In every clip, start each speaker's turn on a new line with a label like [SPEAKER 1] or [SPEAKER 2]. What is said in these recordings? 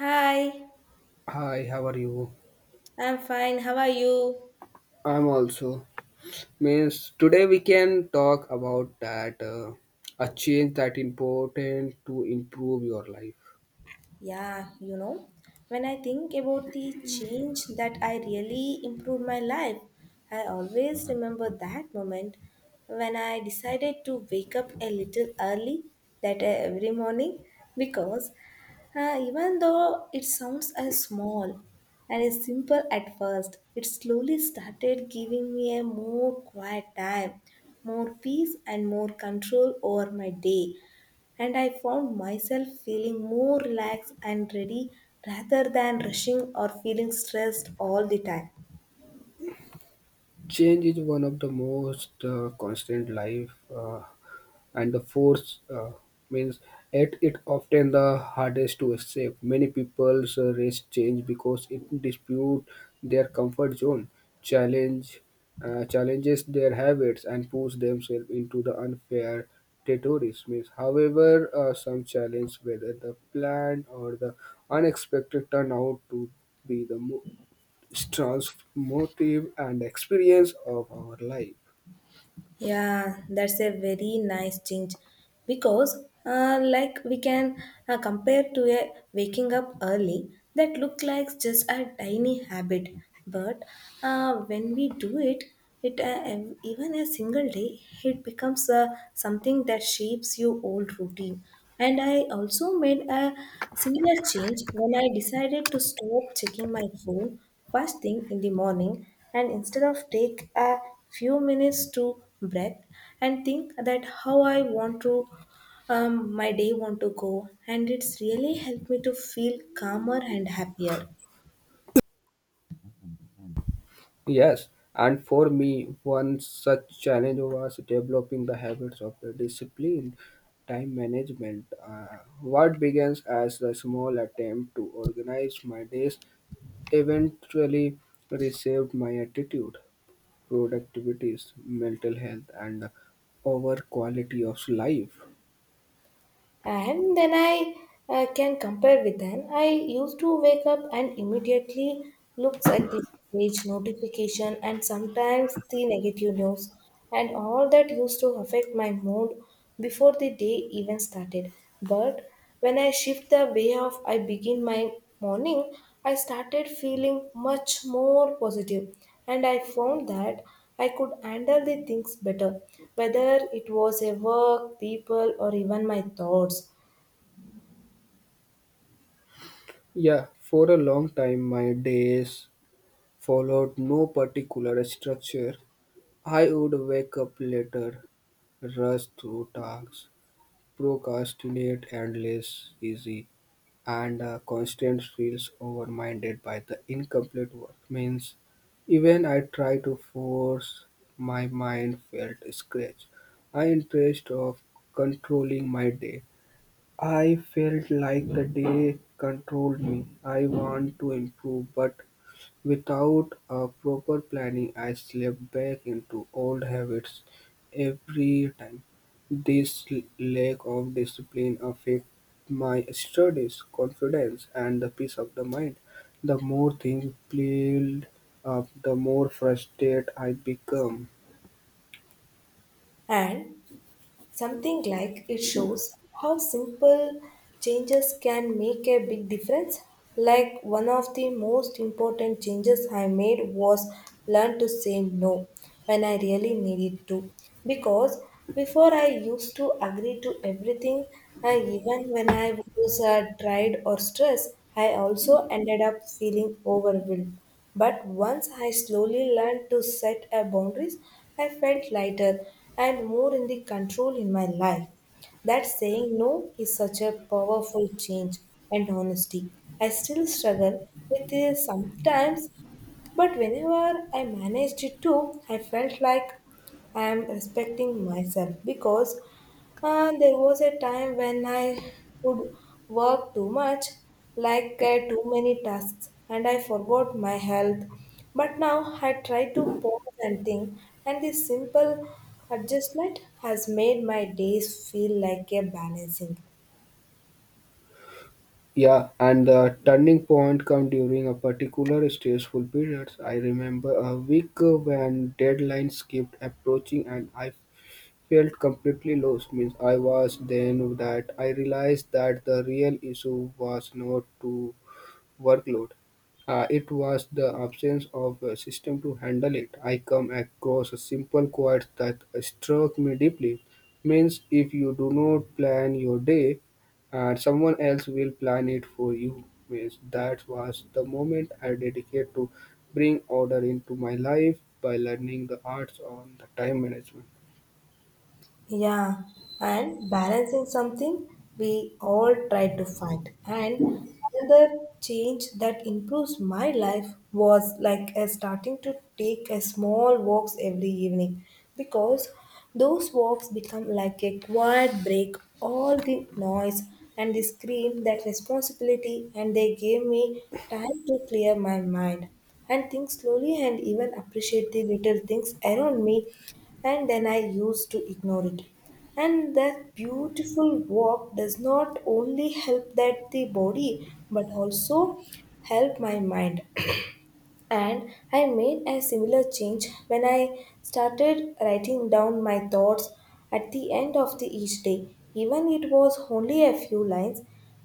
[SPEAKER 1] Hi,
[SPEAKER 2] Hi, how are you?
[SPEAKER 1] I'm fine. How are you?
[SPEAKER 2] I'm also. Means today we can talk about that a change that important to improve your life.
[SPEAKER 1] Yeah, you know, when I think about the change that I really improved my life, I always remember that moment when I decided to wake up a little early that every morning, because even though it sounds as small and as simple at first, it slowly started giving me a more quiet time, more peace, and more control over my day. And I found myself feeling more relaxed and ready rather than rushing or feeling stressed all the time.
[SPEAKER 2] Change is one of the most constant life. And the force means it often the hardest to escape. Many people's race change because it dispute their comfort zone, challenge challenges their habits, and push themselves into the unfair territories. Means, however, some challenge whether the plan or the unexpected turn out to be the mo- transformative and experience of our life.
[SPEAKER 1] Yeah, that's a very nice change because, we can compare to a waking up early that look like just a tiny habit, but when we do it, it even a single day, it becomes something that shapes your old routine. And I also made a similar change when I decided to stop checking my phone first thing in the morning, and instead of take a few minutes to breath and think that how I want to, my day want to go, and it's really helped me to feel calmer and happier.
[SPEAKER 2] Yes, and for me, one such challenge was developing the habits of the disciplined time management. What begins as a small attempt to organize my days eventually reshaped my attitude, productivities, mental health, and over quality of life.
[SPEAKER 1] And then I can compare with then I used to wake up and immediately looks at the message notification and sometimes the negative news, and all that used to affect my mood before the day even started. But when I shift the way of I begin my morning, I started feeling much more positive, and I found that I could handle the things better, whether it was a work, people, or even my thoughts.
[SPEAKER 2] Yeah, for a long time, my days followed no particular structure. I would wake up later, rush through tasks, procrastinate endless easy, and constant feels overminded by the incomplete work. Means even I try to force my mind felt scratch. I interest of controlling my day. I felt like the day controlled me. I want to improve, but without a proper planning, I slipped back into old habits every time. This lack of discipline affects my studies, confidence, and the peace of the mind. The more things pile up, the more frustrated I become.
[SPEAKER 1] And something like it shows how simple changes can make a big difference. Like, one of the most important changes I made was learn to say no when I really needed to. Because before I used to agree to everything, and even when I was tired or stressed, I also ended up feeling overwhelmed. But once I slowly learned to set a boundaries, I felt lighter and more in the control in my life. That saying no is such a powerful change and honesty. I still struggle with it sometimes, but whenever I managed it too, I felt like I am respecting myself. Because there was a time when I would work too much, like, too many tasks, and I forgot my health. But now I try to pause and think, and this simple adjustment has made my days feel like a balancing.
[SPEAKER 2] Yeah, and the turning point come during a particular stressful period. I remember a week when deadlines kept approaching, and I felt completely lost. Means I was then that I realized that the real issue was not to workload. It was the absence of a system to handle it. I come across a simple quote that struck me deeply. Means if you do not plan your day, and someone else will plan it for you. Means that was the moment I dedicated to bring order into my life by learning the arts on the time management.
[SPEAKER 1] Yeah, and balancing something we all try to find. And another change that improves my life was like, starting to take a small walks every evening, because those walks become like a quiet break, all the noise and the scream, that responsibility, and they gave me time to clear my mind and think slowly and even appreciate the little things around me and then I used to ignore it. And that beautiful walk does not only help that the body but also help my mind. And I made a similar change when I started writing down my thoughts at the end of the each day. Even it was only a few lines,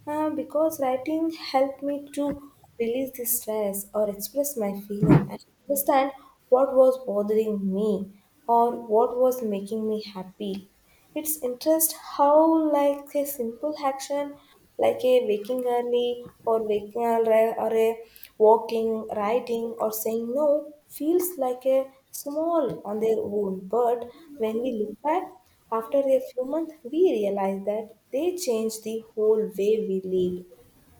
[SPEAKER 1] because writing helped me to release the stress or express my feeling and understand what was bothering me or what was making me happy. It's interest how like a simple action like a waking early or a walking, writing, or saying no feels like a small on their own. But when we look back after a few months, we realize that they change the whole way we live.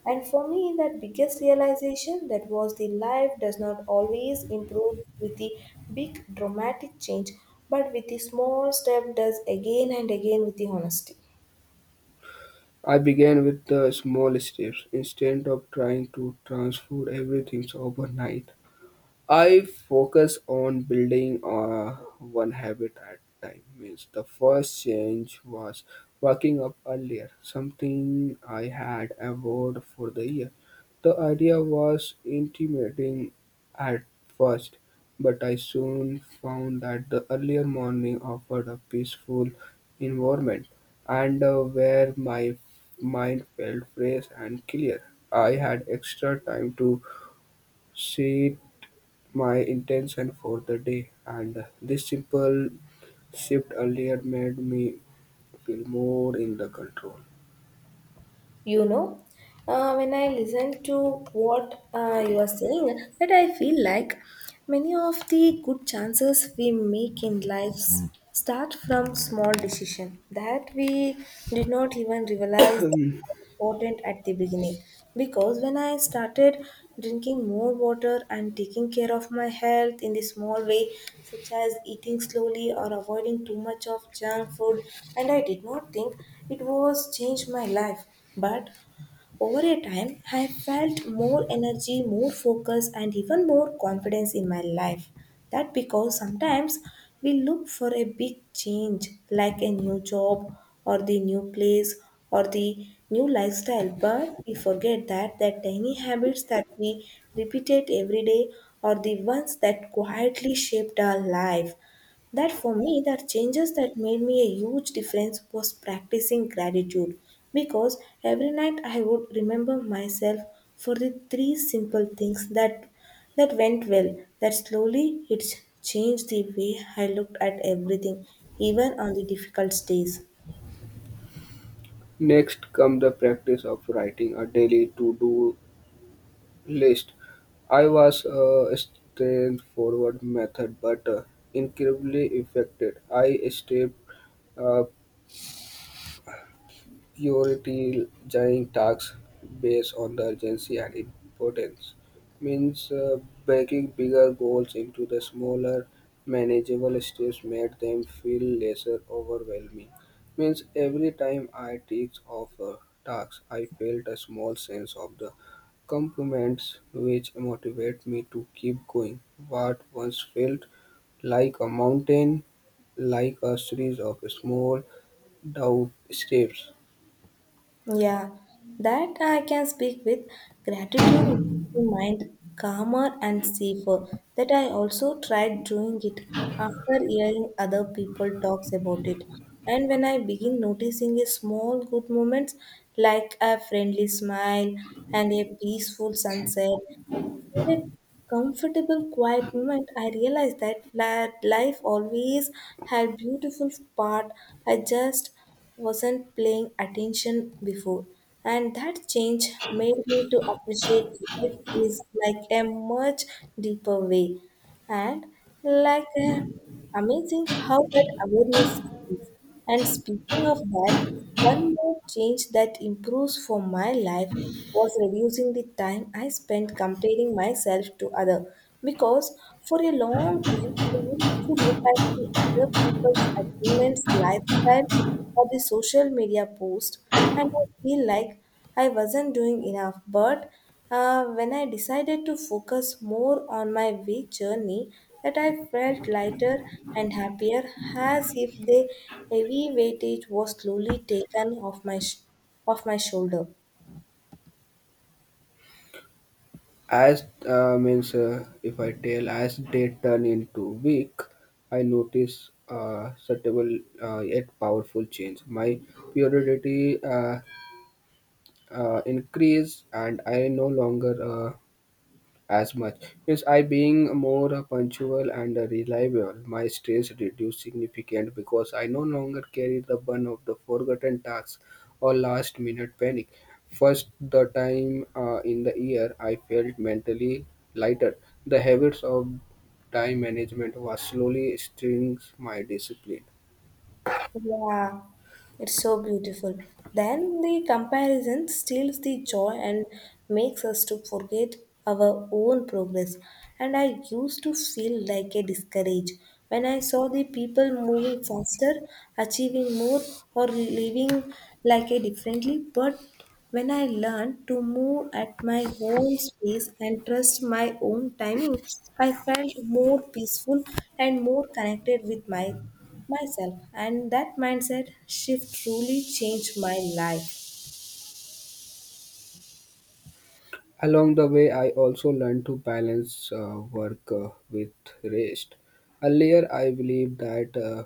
[SPEAKER 1] And for me, that biggest realization that was the life does not always improve with the big dramatic change, but with the small step does again and again with the honesty.
[SPEAKER 2] I began with the small steps instead of trying to transform everything overnight. I focus on building one habit at time. Means the first change was waking up earlier, something I had avoided for the year. The idea was intimidating at first, but I soon found that the earlier morning offered a peaceful environment and where my mind felt fresh and clear. I had extra time to sit my intention for the day, and this simple shift earlier made me feel more in the control.
[SPEAKER 1] You know, when I listen to what you are saying, that I feel like many of the good chances we make in lives start from small decision that we did not even realize that were important at the beginning. Because when I started drinking more water and taking care of my health in the small way, such as eating slowly or avoiding too much of junk food, and I did not think it was changed my life, but over a time, I have felt more energy, more focus, and even more confidence in my life. That because sometimes we look for a big change, like a new job, or the new place, or the new lifestyle, but we forget that the tiny habits that we repeated every day are the ones that quietly shaped our life. That for me, the changes that made me a huge difference was practicing gratitude, because every night I would remember myself for the three simple things that went well. That slowly it changed the way I looked at everything, even on the difficult days.
[SPEAKER 2] Next come the practice of writing a daily to-do list. I was a straightforward method, but incredibly effective. I stepped up prioritizing tasks based on the urgency and importance. Means breaking bigger goals into the smaller manageable steps made them feel lesser overwhelming. Means every time I ticked off a task, I felt a small sense of the compliments, which motivate me to keep going. What once felt like a mountain, like a series of small down steps.
[SPEAKER 1] Yeah, that I can speak with gratitude makes the mind calmer and safer. That I also tried doing it after hearing other people talks about it. And when I begin noticing a small good moments, like a friendly smile and a peaceful sunset, a comfortable, quiet moment, I realized that life always had beautiful part. I just wasn't paying attention before, and that change made me to appreciate life is like a much deeper way. And like, amazing how that awareness is things. And speaking of that, one more change that improves for my life was reducing the time I spent comparing myself to other, because for a long time I used to look at the other people's achievements, lifestyle, or the social media post and I feel like I wasn't doing enough. But when I decided to focus more on my week journey, that I felt lighter and happier, as if the heavy weightage was slowly taken off my off my shoulder.
[SPEAKER 2] As Means, if I tell as they turn into weak, I notice subtle yet powerful change. My purity increase, and I no longer. As much. Yes, I being more punctual and reliable, my stress reduced significant because I no longer carry the burden of the forgotten tasks or last minute panic. First, the time in the year I felt mentally lighter. The habits of time management was slowly strengthening my discipline.
[SPEAKER 1] Yeah, it's so beautiful. Then the comparison steals the joy and makes us to forget our own progress. And I used to feel like a discouraged when I saw the people moving faster, achieving more, or living like a differently. But when I learned to move at my own pace and trust my own timing, I felt more peaceful and more connected with myself. And that mindset shift truly changed my life.
[SPEAKER 2] Along the way, I also learned to balance work with rest. Earlier, I believed that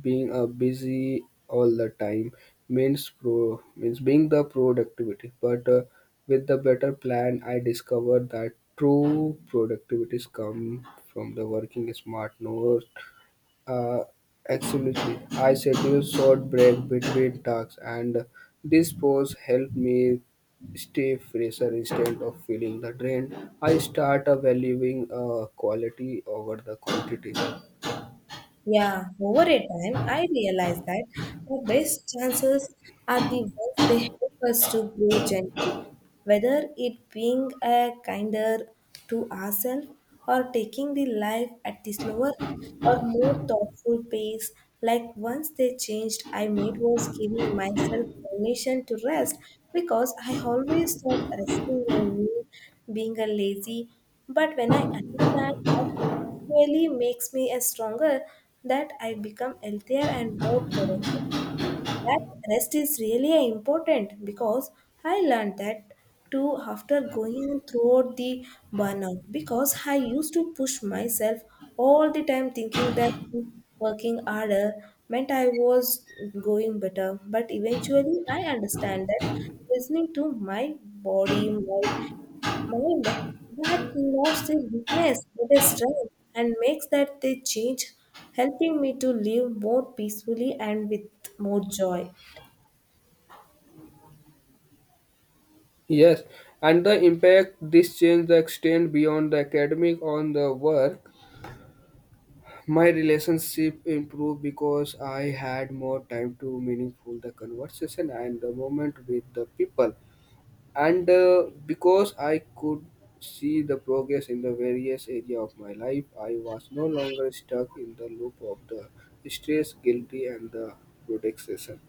[SPEAKER 2] being busy all the time means being the productivity. But with the better plan, I discovered that true productivities come from the working smart, not uh, absolutely. I schedule short break between tasks, and this pause helped me stay fresher instead of feeling the drain. I start valuing quality over the quantity.
[SPEAKER 1] Yeah, over a time, I realized that the best chances are the ones they help us to grow gently, whether it being a kinder to ourselves or taking the life at the slower or more thoughtful pace. Like once they changed, I made was giving myself permission to rest, because I always thought resting meant me being a lazy, but when I understand that really makes me a stronger, that I become healthier and more productive. That rest is really important, because I learned that too after going throughout the burnout, because I used to push myself all the time thinking that working harder meant I was going better. But eventually I understand that listening to my body, my mind, that not a weakness but a strength, and makes that they change helping me to live more peacefully and with more joy.
[SPEAKER 2] Yes, and the impact this change the extend beyond the academic on the work. My relationship improved because I had more time to meaningful the conversation and the moment with the people, and because I could see the progress in the various area of my life, I was no longer stuck in the loop of the stress, guilty, and the protection.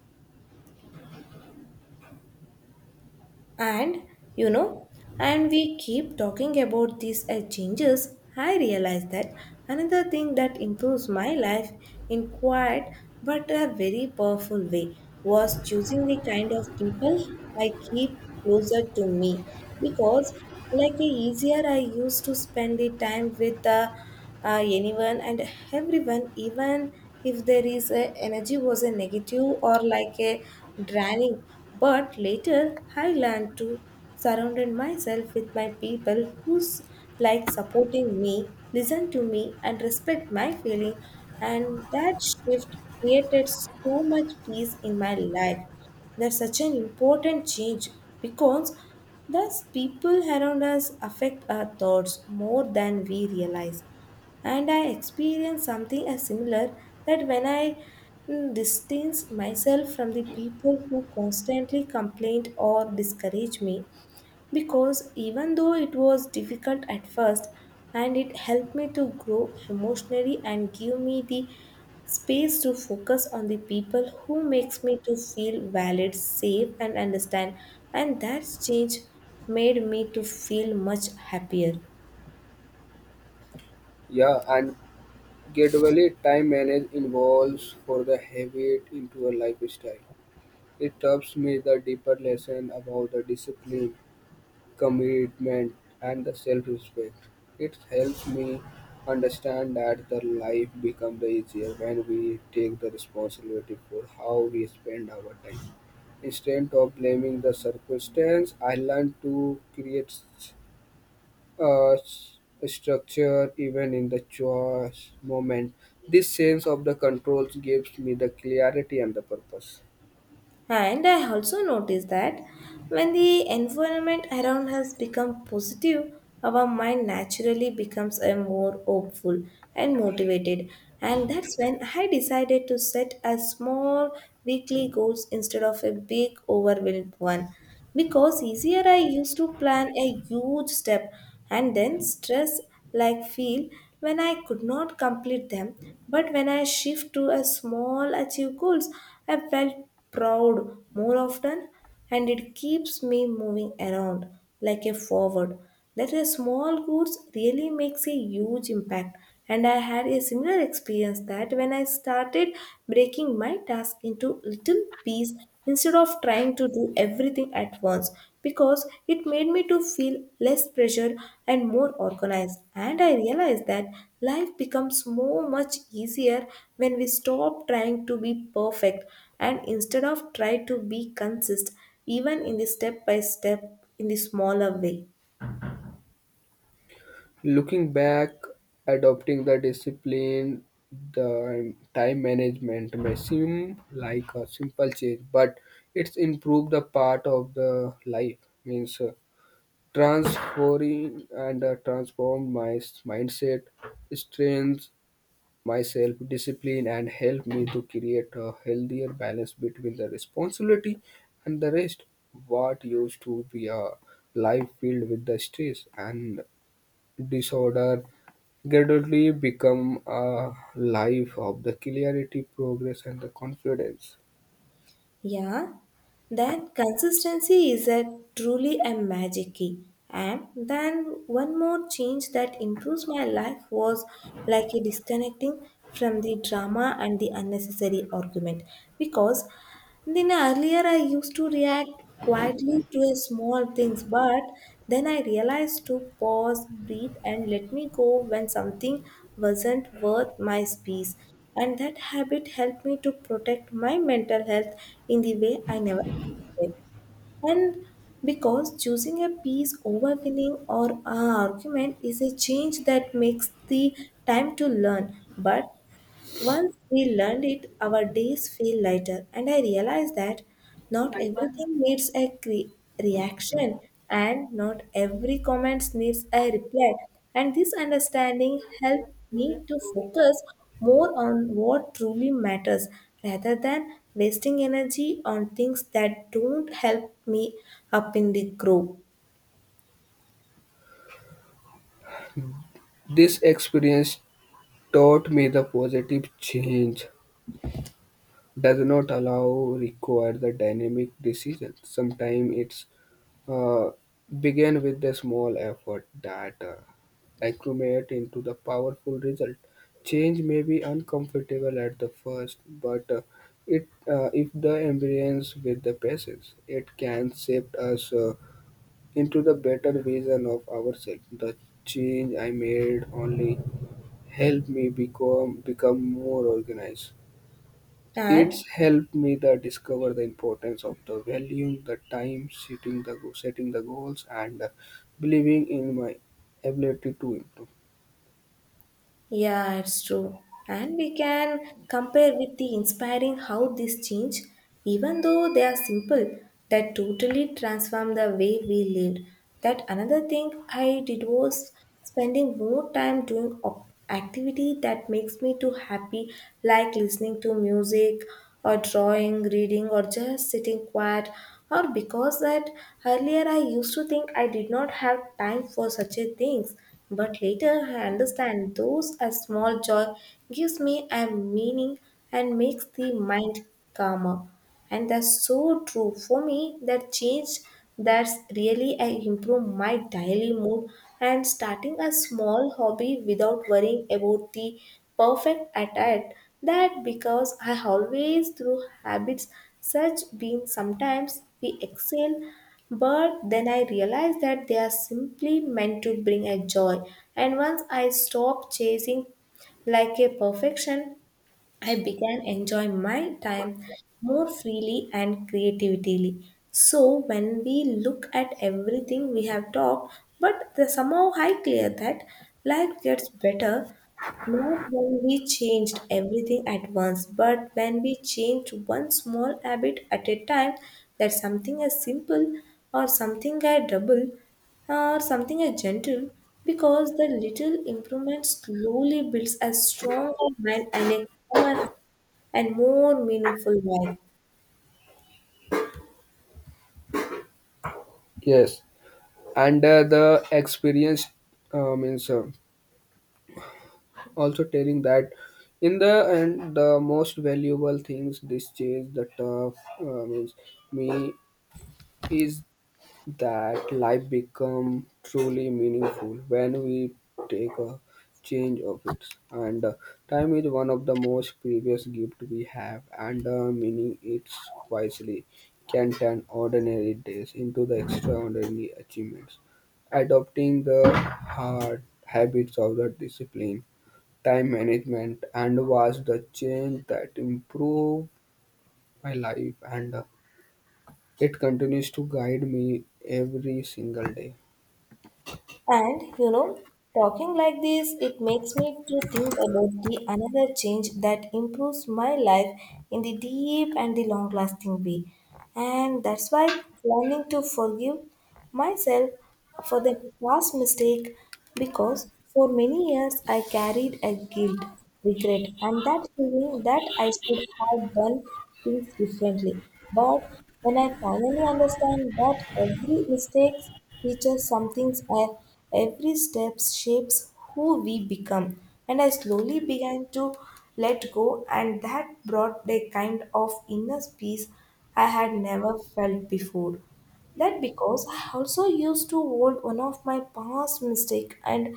[SPEAKER 1] And you know, and we keep talking about these changes. I realize that another thing that improves my life in quiet but a very powerful way was choosing the kind of people I keep closer to me. Because like a easier I used to spend the time with the anyone and everyone, even if there is a energy was a negative or like a draining. But later, I learned to surrounded myself with my people who's like supporting me, listen to me, and respect my feeling. And that shift created so much peace in my life. That's such an important change, because thus people around us affect our thoughts more than we realize. And I experienced something as similar, that when I distanced myself from the people who constantly complained or discouraged me, because even though it was difficult at first, and it helped me to grow emotionally and give me the space to focus on the people who makes me to feel valid safe and understand, and that change made me to feel much happier.
[SPEAKER 2] Yeah, and gradually, time management evolves for the habit into a lifestyle. It helps me the deeper lesson about the discipline, commitment, and the self-respect. It helps me understand that the life becomes the easier when we take the responsibility for how we spend our time. Instead of blaming the circumstance, I learn to create uh, s- structure even in the choice moment. This sense of the controls gives me the clarity and the purpose.
[SPEAKER 1] And I also noticed that when the environment around us becomes positive, our mind naturally becomes a more hopeful and motivated. And that's when I decided to set a small weekly goals instead of a big overwhelmed one because easier I used to plan a huge step and then stress like feel when I could not complete them, but when I shift to a small achieve goals I felt proud more often and it keeps me moving around like a forward, that a small goods really makes a huge impact. And I had a similar experience that when I started breaking my task into little pieces instead of trying to do everything at once, because it made me to feel less pressure and more organized. And I realized that life becomes so much easier when we stop trying to be perfect and instead of try to be consistent, even in the step by step, in the smaller way.
[SPEAKER 2] Looking back, adopting the discipline, the time management may seem like a simple change, but it's improved the part of the life. Means transferring and transform my mindset, strengths, my self discipline and help me to create a healthier balance between the responsibility and the rest. What used to be a life filled with the stress and disorder gradually become a life of the clarity, progress, and the confidence.
[SPEAKER 1] Yeah, that consistency is a truly a magic key. And then one more change that improves my life was like a disconnecting from the drama and the unnecessary argument, because then earlier I used to react quietly to a small things, but then I realized to pause, breathe, and let me go when something wasn't worth my space. And that habit helped me to protect my mental health in the way I never expected. And because choosing a peace over winning or an argument is a change that makes the time to learn, but once we learned it, our days feel lighter, and I realized that not everything needs a reaction and not every comment needs a reply. And this understanding helped me to focus more on what truly matters rather than wasting energy on things that don't help me up in the group.
[SPEAKER 2] This experience taught me the positive change does not allow require the dynamic decision. Sometimes it's uh, begin with the small effort that accumulate into the powerful result. Change may be uncomfortable at the first, but it if the embrace with the patience, it can shape us into the better vision of ourselves. The change I made only helped me become more organized.
[SPEAKER 1] And
[SPEAKER 2] It's helped me the discover the importance of the valuing the time, setting setting the goals, and believing in my ability to improve.
[SPEAKER 1] Yeah, it's true. And we can compare with the inspiring how this change, even though they are simple, that totally transform the way we lived. That another thing I did was spending more time doing activity that makes me too happy, like listening to music or drawing, reading, or just sitting quiet. Or because that earlier I used to think I did not have time for such a things, but later I understand those a small joy gives me a meaning and makes the mind calmer. And that's so true for me that change, that's really I improve my daily mood and starting a small hobby without worrying about the perfect attire, that because I always through habits such being sometimes we excel, but then I realized that they are simply meant to bring a joy. And once I stopped chasing like a perfection, I began enjoying my time more freely and creatively. So when we look at everything we have talked, but the somehow I clear that life gets better not when we changed everything at once, but when we changed one small habit at a time, that something as simple or something as double or something as gentle, because the little improvement slowly builds a stronger mind and a calmer heart and more meaningful life.
[SPEAKER 2] Yes, and the experience means also telling that in the end the most valuable things this change the tough means me is that life become truly meaningful when we take a change of it and time is one of the most precious gift we have and meaning it's wisely can turn ordinary days into the extraordinary achievements adopting the hard habits of the discipline time management and was the change that improved my life and it continues to guide me every single day.
[SPEAKER 1] And you know, talking like this, it makes me to think about the another change that improves my life in the deep and the long lasting way. And that's why learning to forgive myself for the past mistake, because for many years I carried a guilt, regret, and that feeling that I should have done things differently. But when I finally understand that every mistake teaches something, every step shapes who we become, and I slowly began to let go, and that brought a kind of inner peace I had never felt before. That because I also used to hold one of my past mistake and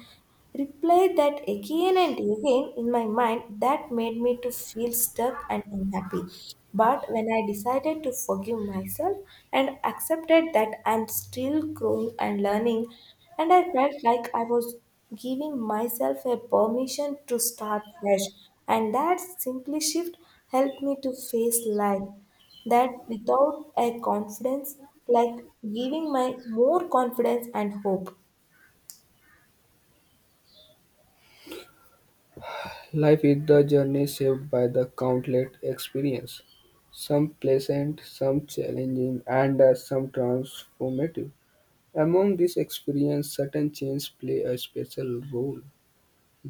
[SPEAKER 1] replay that again and again in my mind, that made me to feel stuck and unhappy. But when I decided to forgive myself and accepted that I'm still growing and learning, and I felt like I was giving myself a permission to start fresh, and that simply shift helped me to face life that without a confidence, like giving my more confidence and hope.
[SPEAKER 2] Life is the journey shaped by the countless experiences, some pleasant, some challenging, and some transformative. Among these experiences, certain changes play a special role.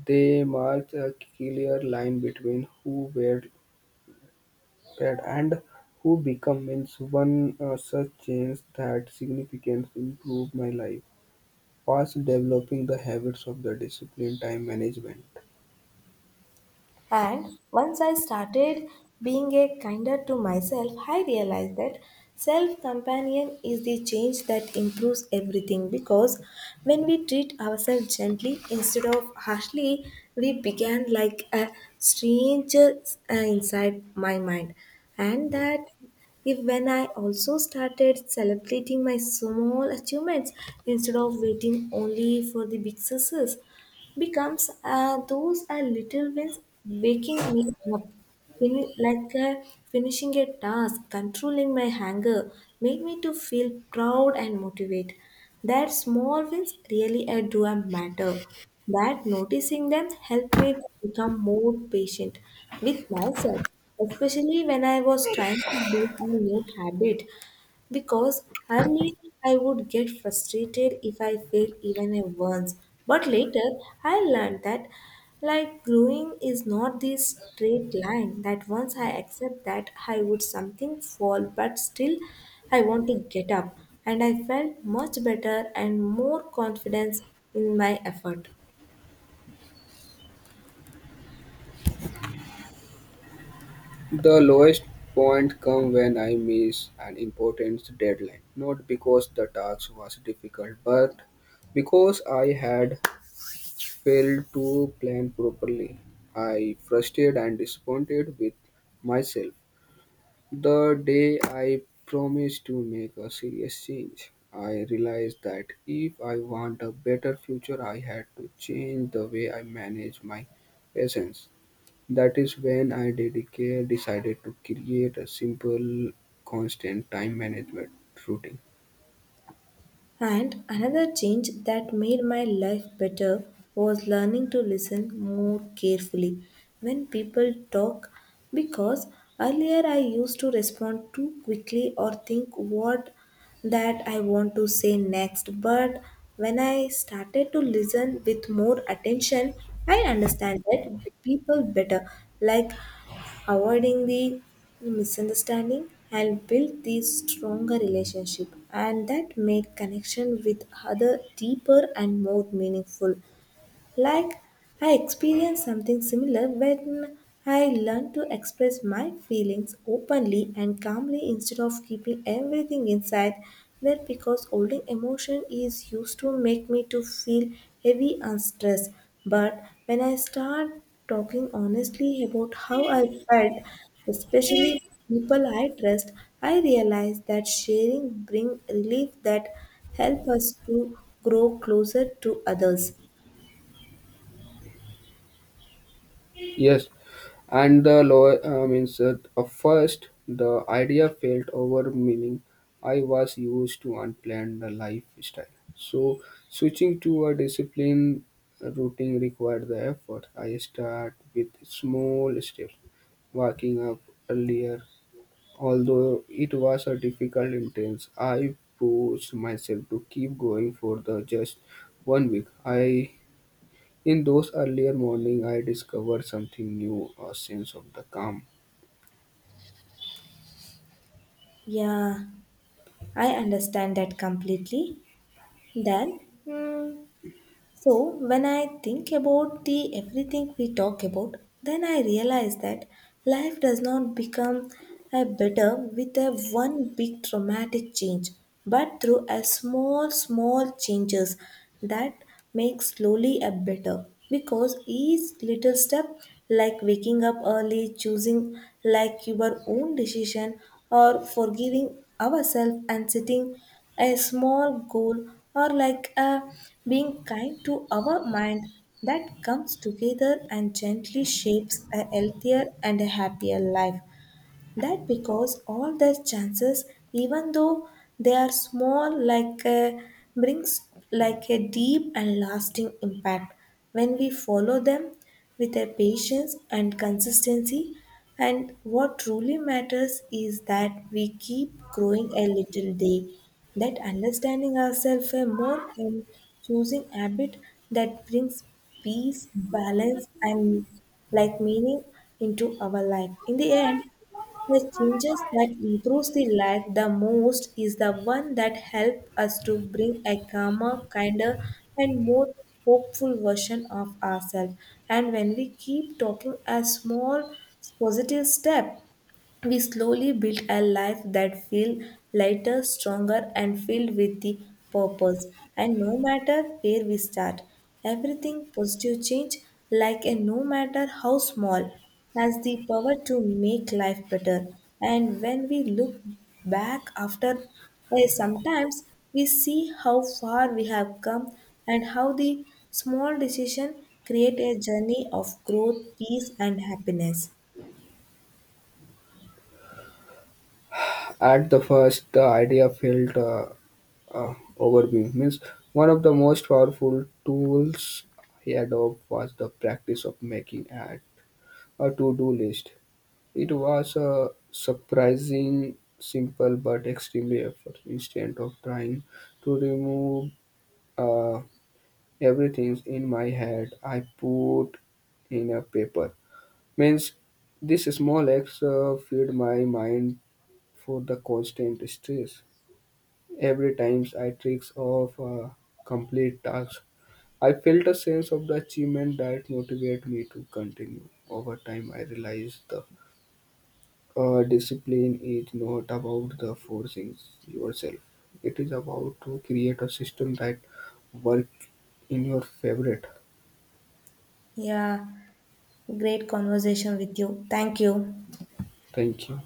[SPEAKER 2] They mark a clear line between who were bad and who become. Means one such change that significantly improved my life was developing the habits of the discipline time management.
[SPEAKER 1] And once I started being a kinder to myself, I realized that self companion is the change that improves everything, because when we treat ourselves gently instead of harshly, we began like a stranger, inside my mind. And that if when I also started celebrating my small achievements instead of waiting only for the big success, becomes, those are little wins waking me up. Fini- like uh, Finishing a task, controlling my hunger, make me to feel proud and motivate, that small wins really do a matter, that noticing them helped me to become more patient with myself, especially when I was trying to build a new habit, because early I would get frustrated if I failed even a once. But later I learned that like growing is not this straight line, that once I accept that I would something fall but still I want to get up, and I felt much better and more confidence in my effort.
[SPEAKER 2] The lowest point comes when I miss an important deadline, not because the task was difficult, but because I had failed to plan properly. I frustrated and disappointed with myself. The day I promised to make a serious change, I realized that if I want a better future, I had to change the way I manage my patients. That is when I decided to create a simple, constant time management routine.
[SPEAKER 1] And another change that made my life better was learning to listen more carefully when people talk, because earlier I used to respond too quickly or think what that I want to say next, but when I started to listen with more attention I understand that people better, like avoiding the misunderstanding help build the stronger relationship and that make connection with other deeper and more meaningful. Like, I experienced something similar when I learned to express my feelings openly and calmly instead of keeping everything inside. That because holding emotion is used to make me to feel heavy and stressed. But when I start talking honestly about how I felt, especially people I trust, I realize that sharing bring relief that help us to grow closer to others.
[SPEAKER 2] Yes, and the law means at first the idea felt over meaning. I was used to unplanned lifestyle, so switching to a disciplined routine required the effort. I start with small steps, waking up earlier. Although it was a difficult intense, I pushed myself to keep going for the just 1 week. I in those earlier morning I discovered something new, a sense of the calm.
[SPEAKER 1] Yeah, I understand that completely. Then, hmm, so, when I think about the everything we talk about, then I realize that life does not become a better with a one big dramatic change, but through a small, small changes that make slowly a better. Because each little step, like waking up early, choosing like your own decision, or forgiving ourselves and setting a small goal, or like being kind to our mind, that comes together and gently shapes a healthier and a happier life. That because all their chances, even though they are small like a, brings like a deep and lasting impact when we follow them with a patience and consistency, and what truly matters is that we keep growing a little day, that understanding ourselves a more and choosing habit that brings peace, balance, and like meaning into our life. In the end, the changes that improves the life the most is the one that help us to bring a calmer, kinder, and more hopeful version of ourselves. And when we keep talking a small positive step, we slowly build a life that feels lighter, stronger, and filled with the purpose. And no matter where we start, everything positive change, like a no matter how small, has the power to make life better. And when we look back after a sometimes, we see how far we have come and how the small decision create a journey of growth, peace, and happiness.
[SPEAKER 2] At the first the idea felt overwhelming. Means one of the most powerful tools he adopted was the practice of making at a to-do list. It was a surprising simple but extremely effort. Instead of trying to remove uh, everything in my head, I put in a paper. Means this small acts feed my mind for the constant stress. Every time I tricks off a complete task, I felt a sense of the achievement that motivated me to continue. Over time, I realized the discipline is not about the forcing yourself. It is about to create a system that work in your favorite.
[SPEAKER 1] Yeah, great conversation with you. Thank you.
[SPEAKER 2] Thank you.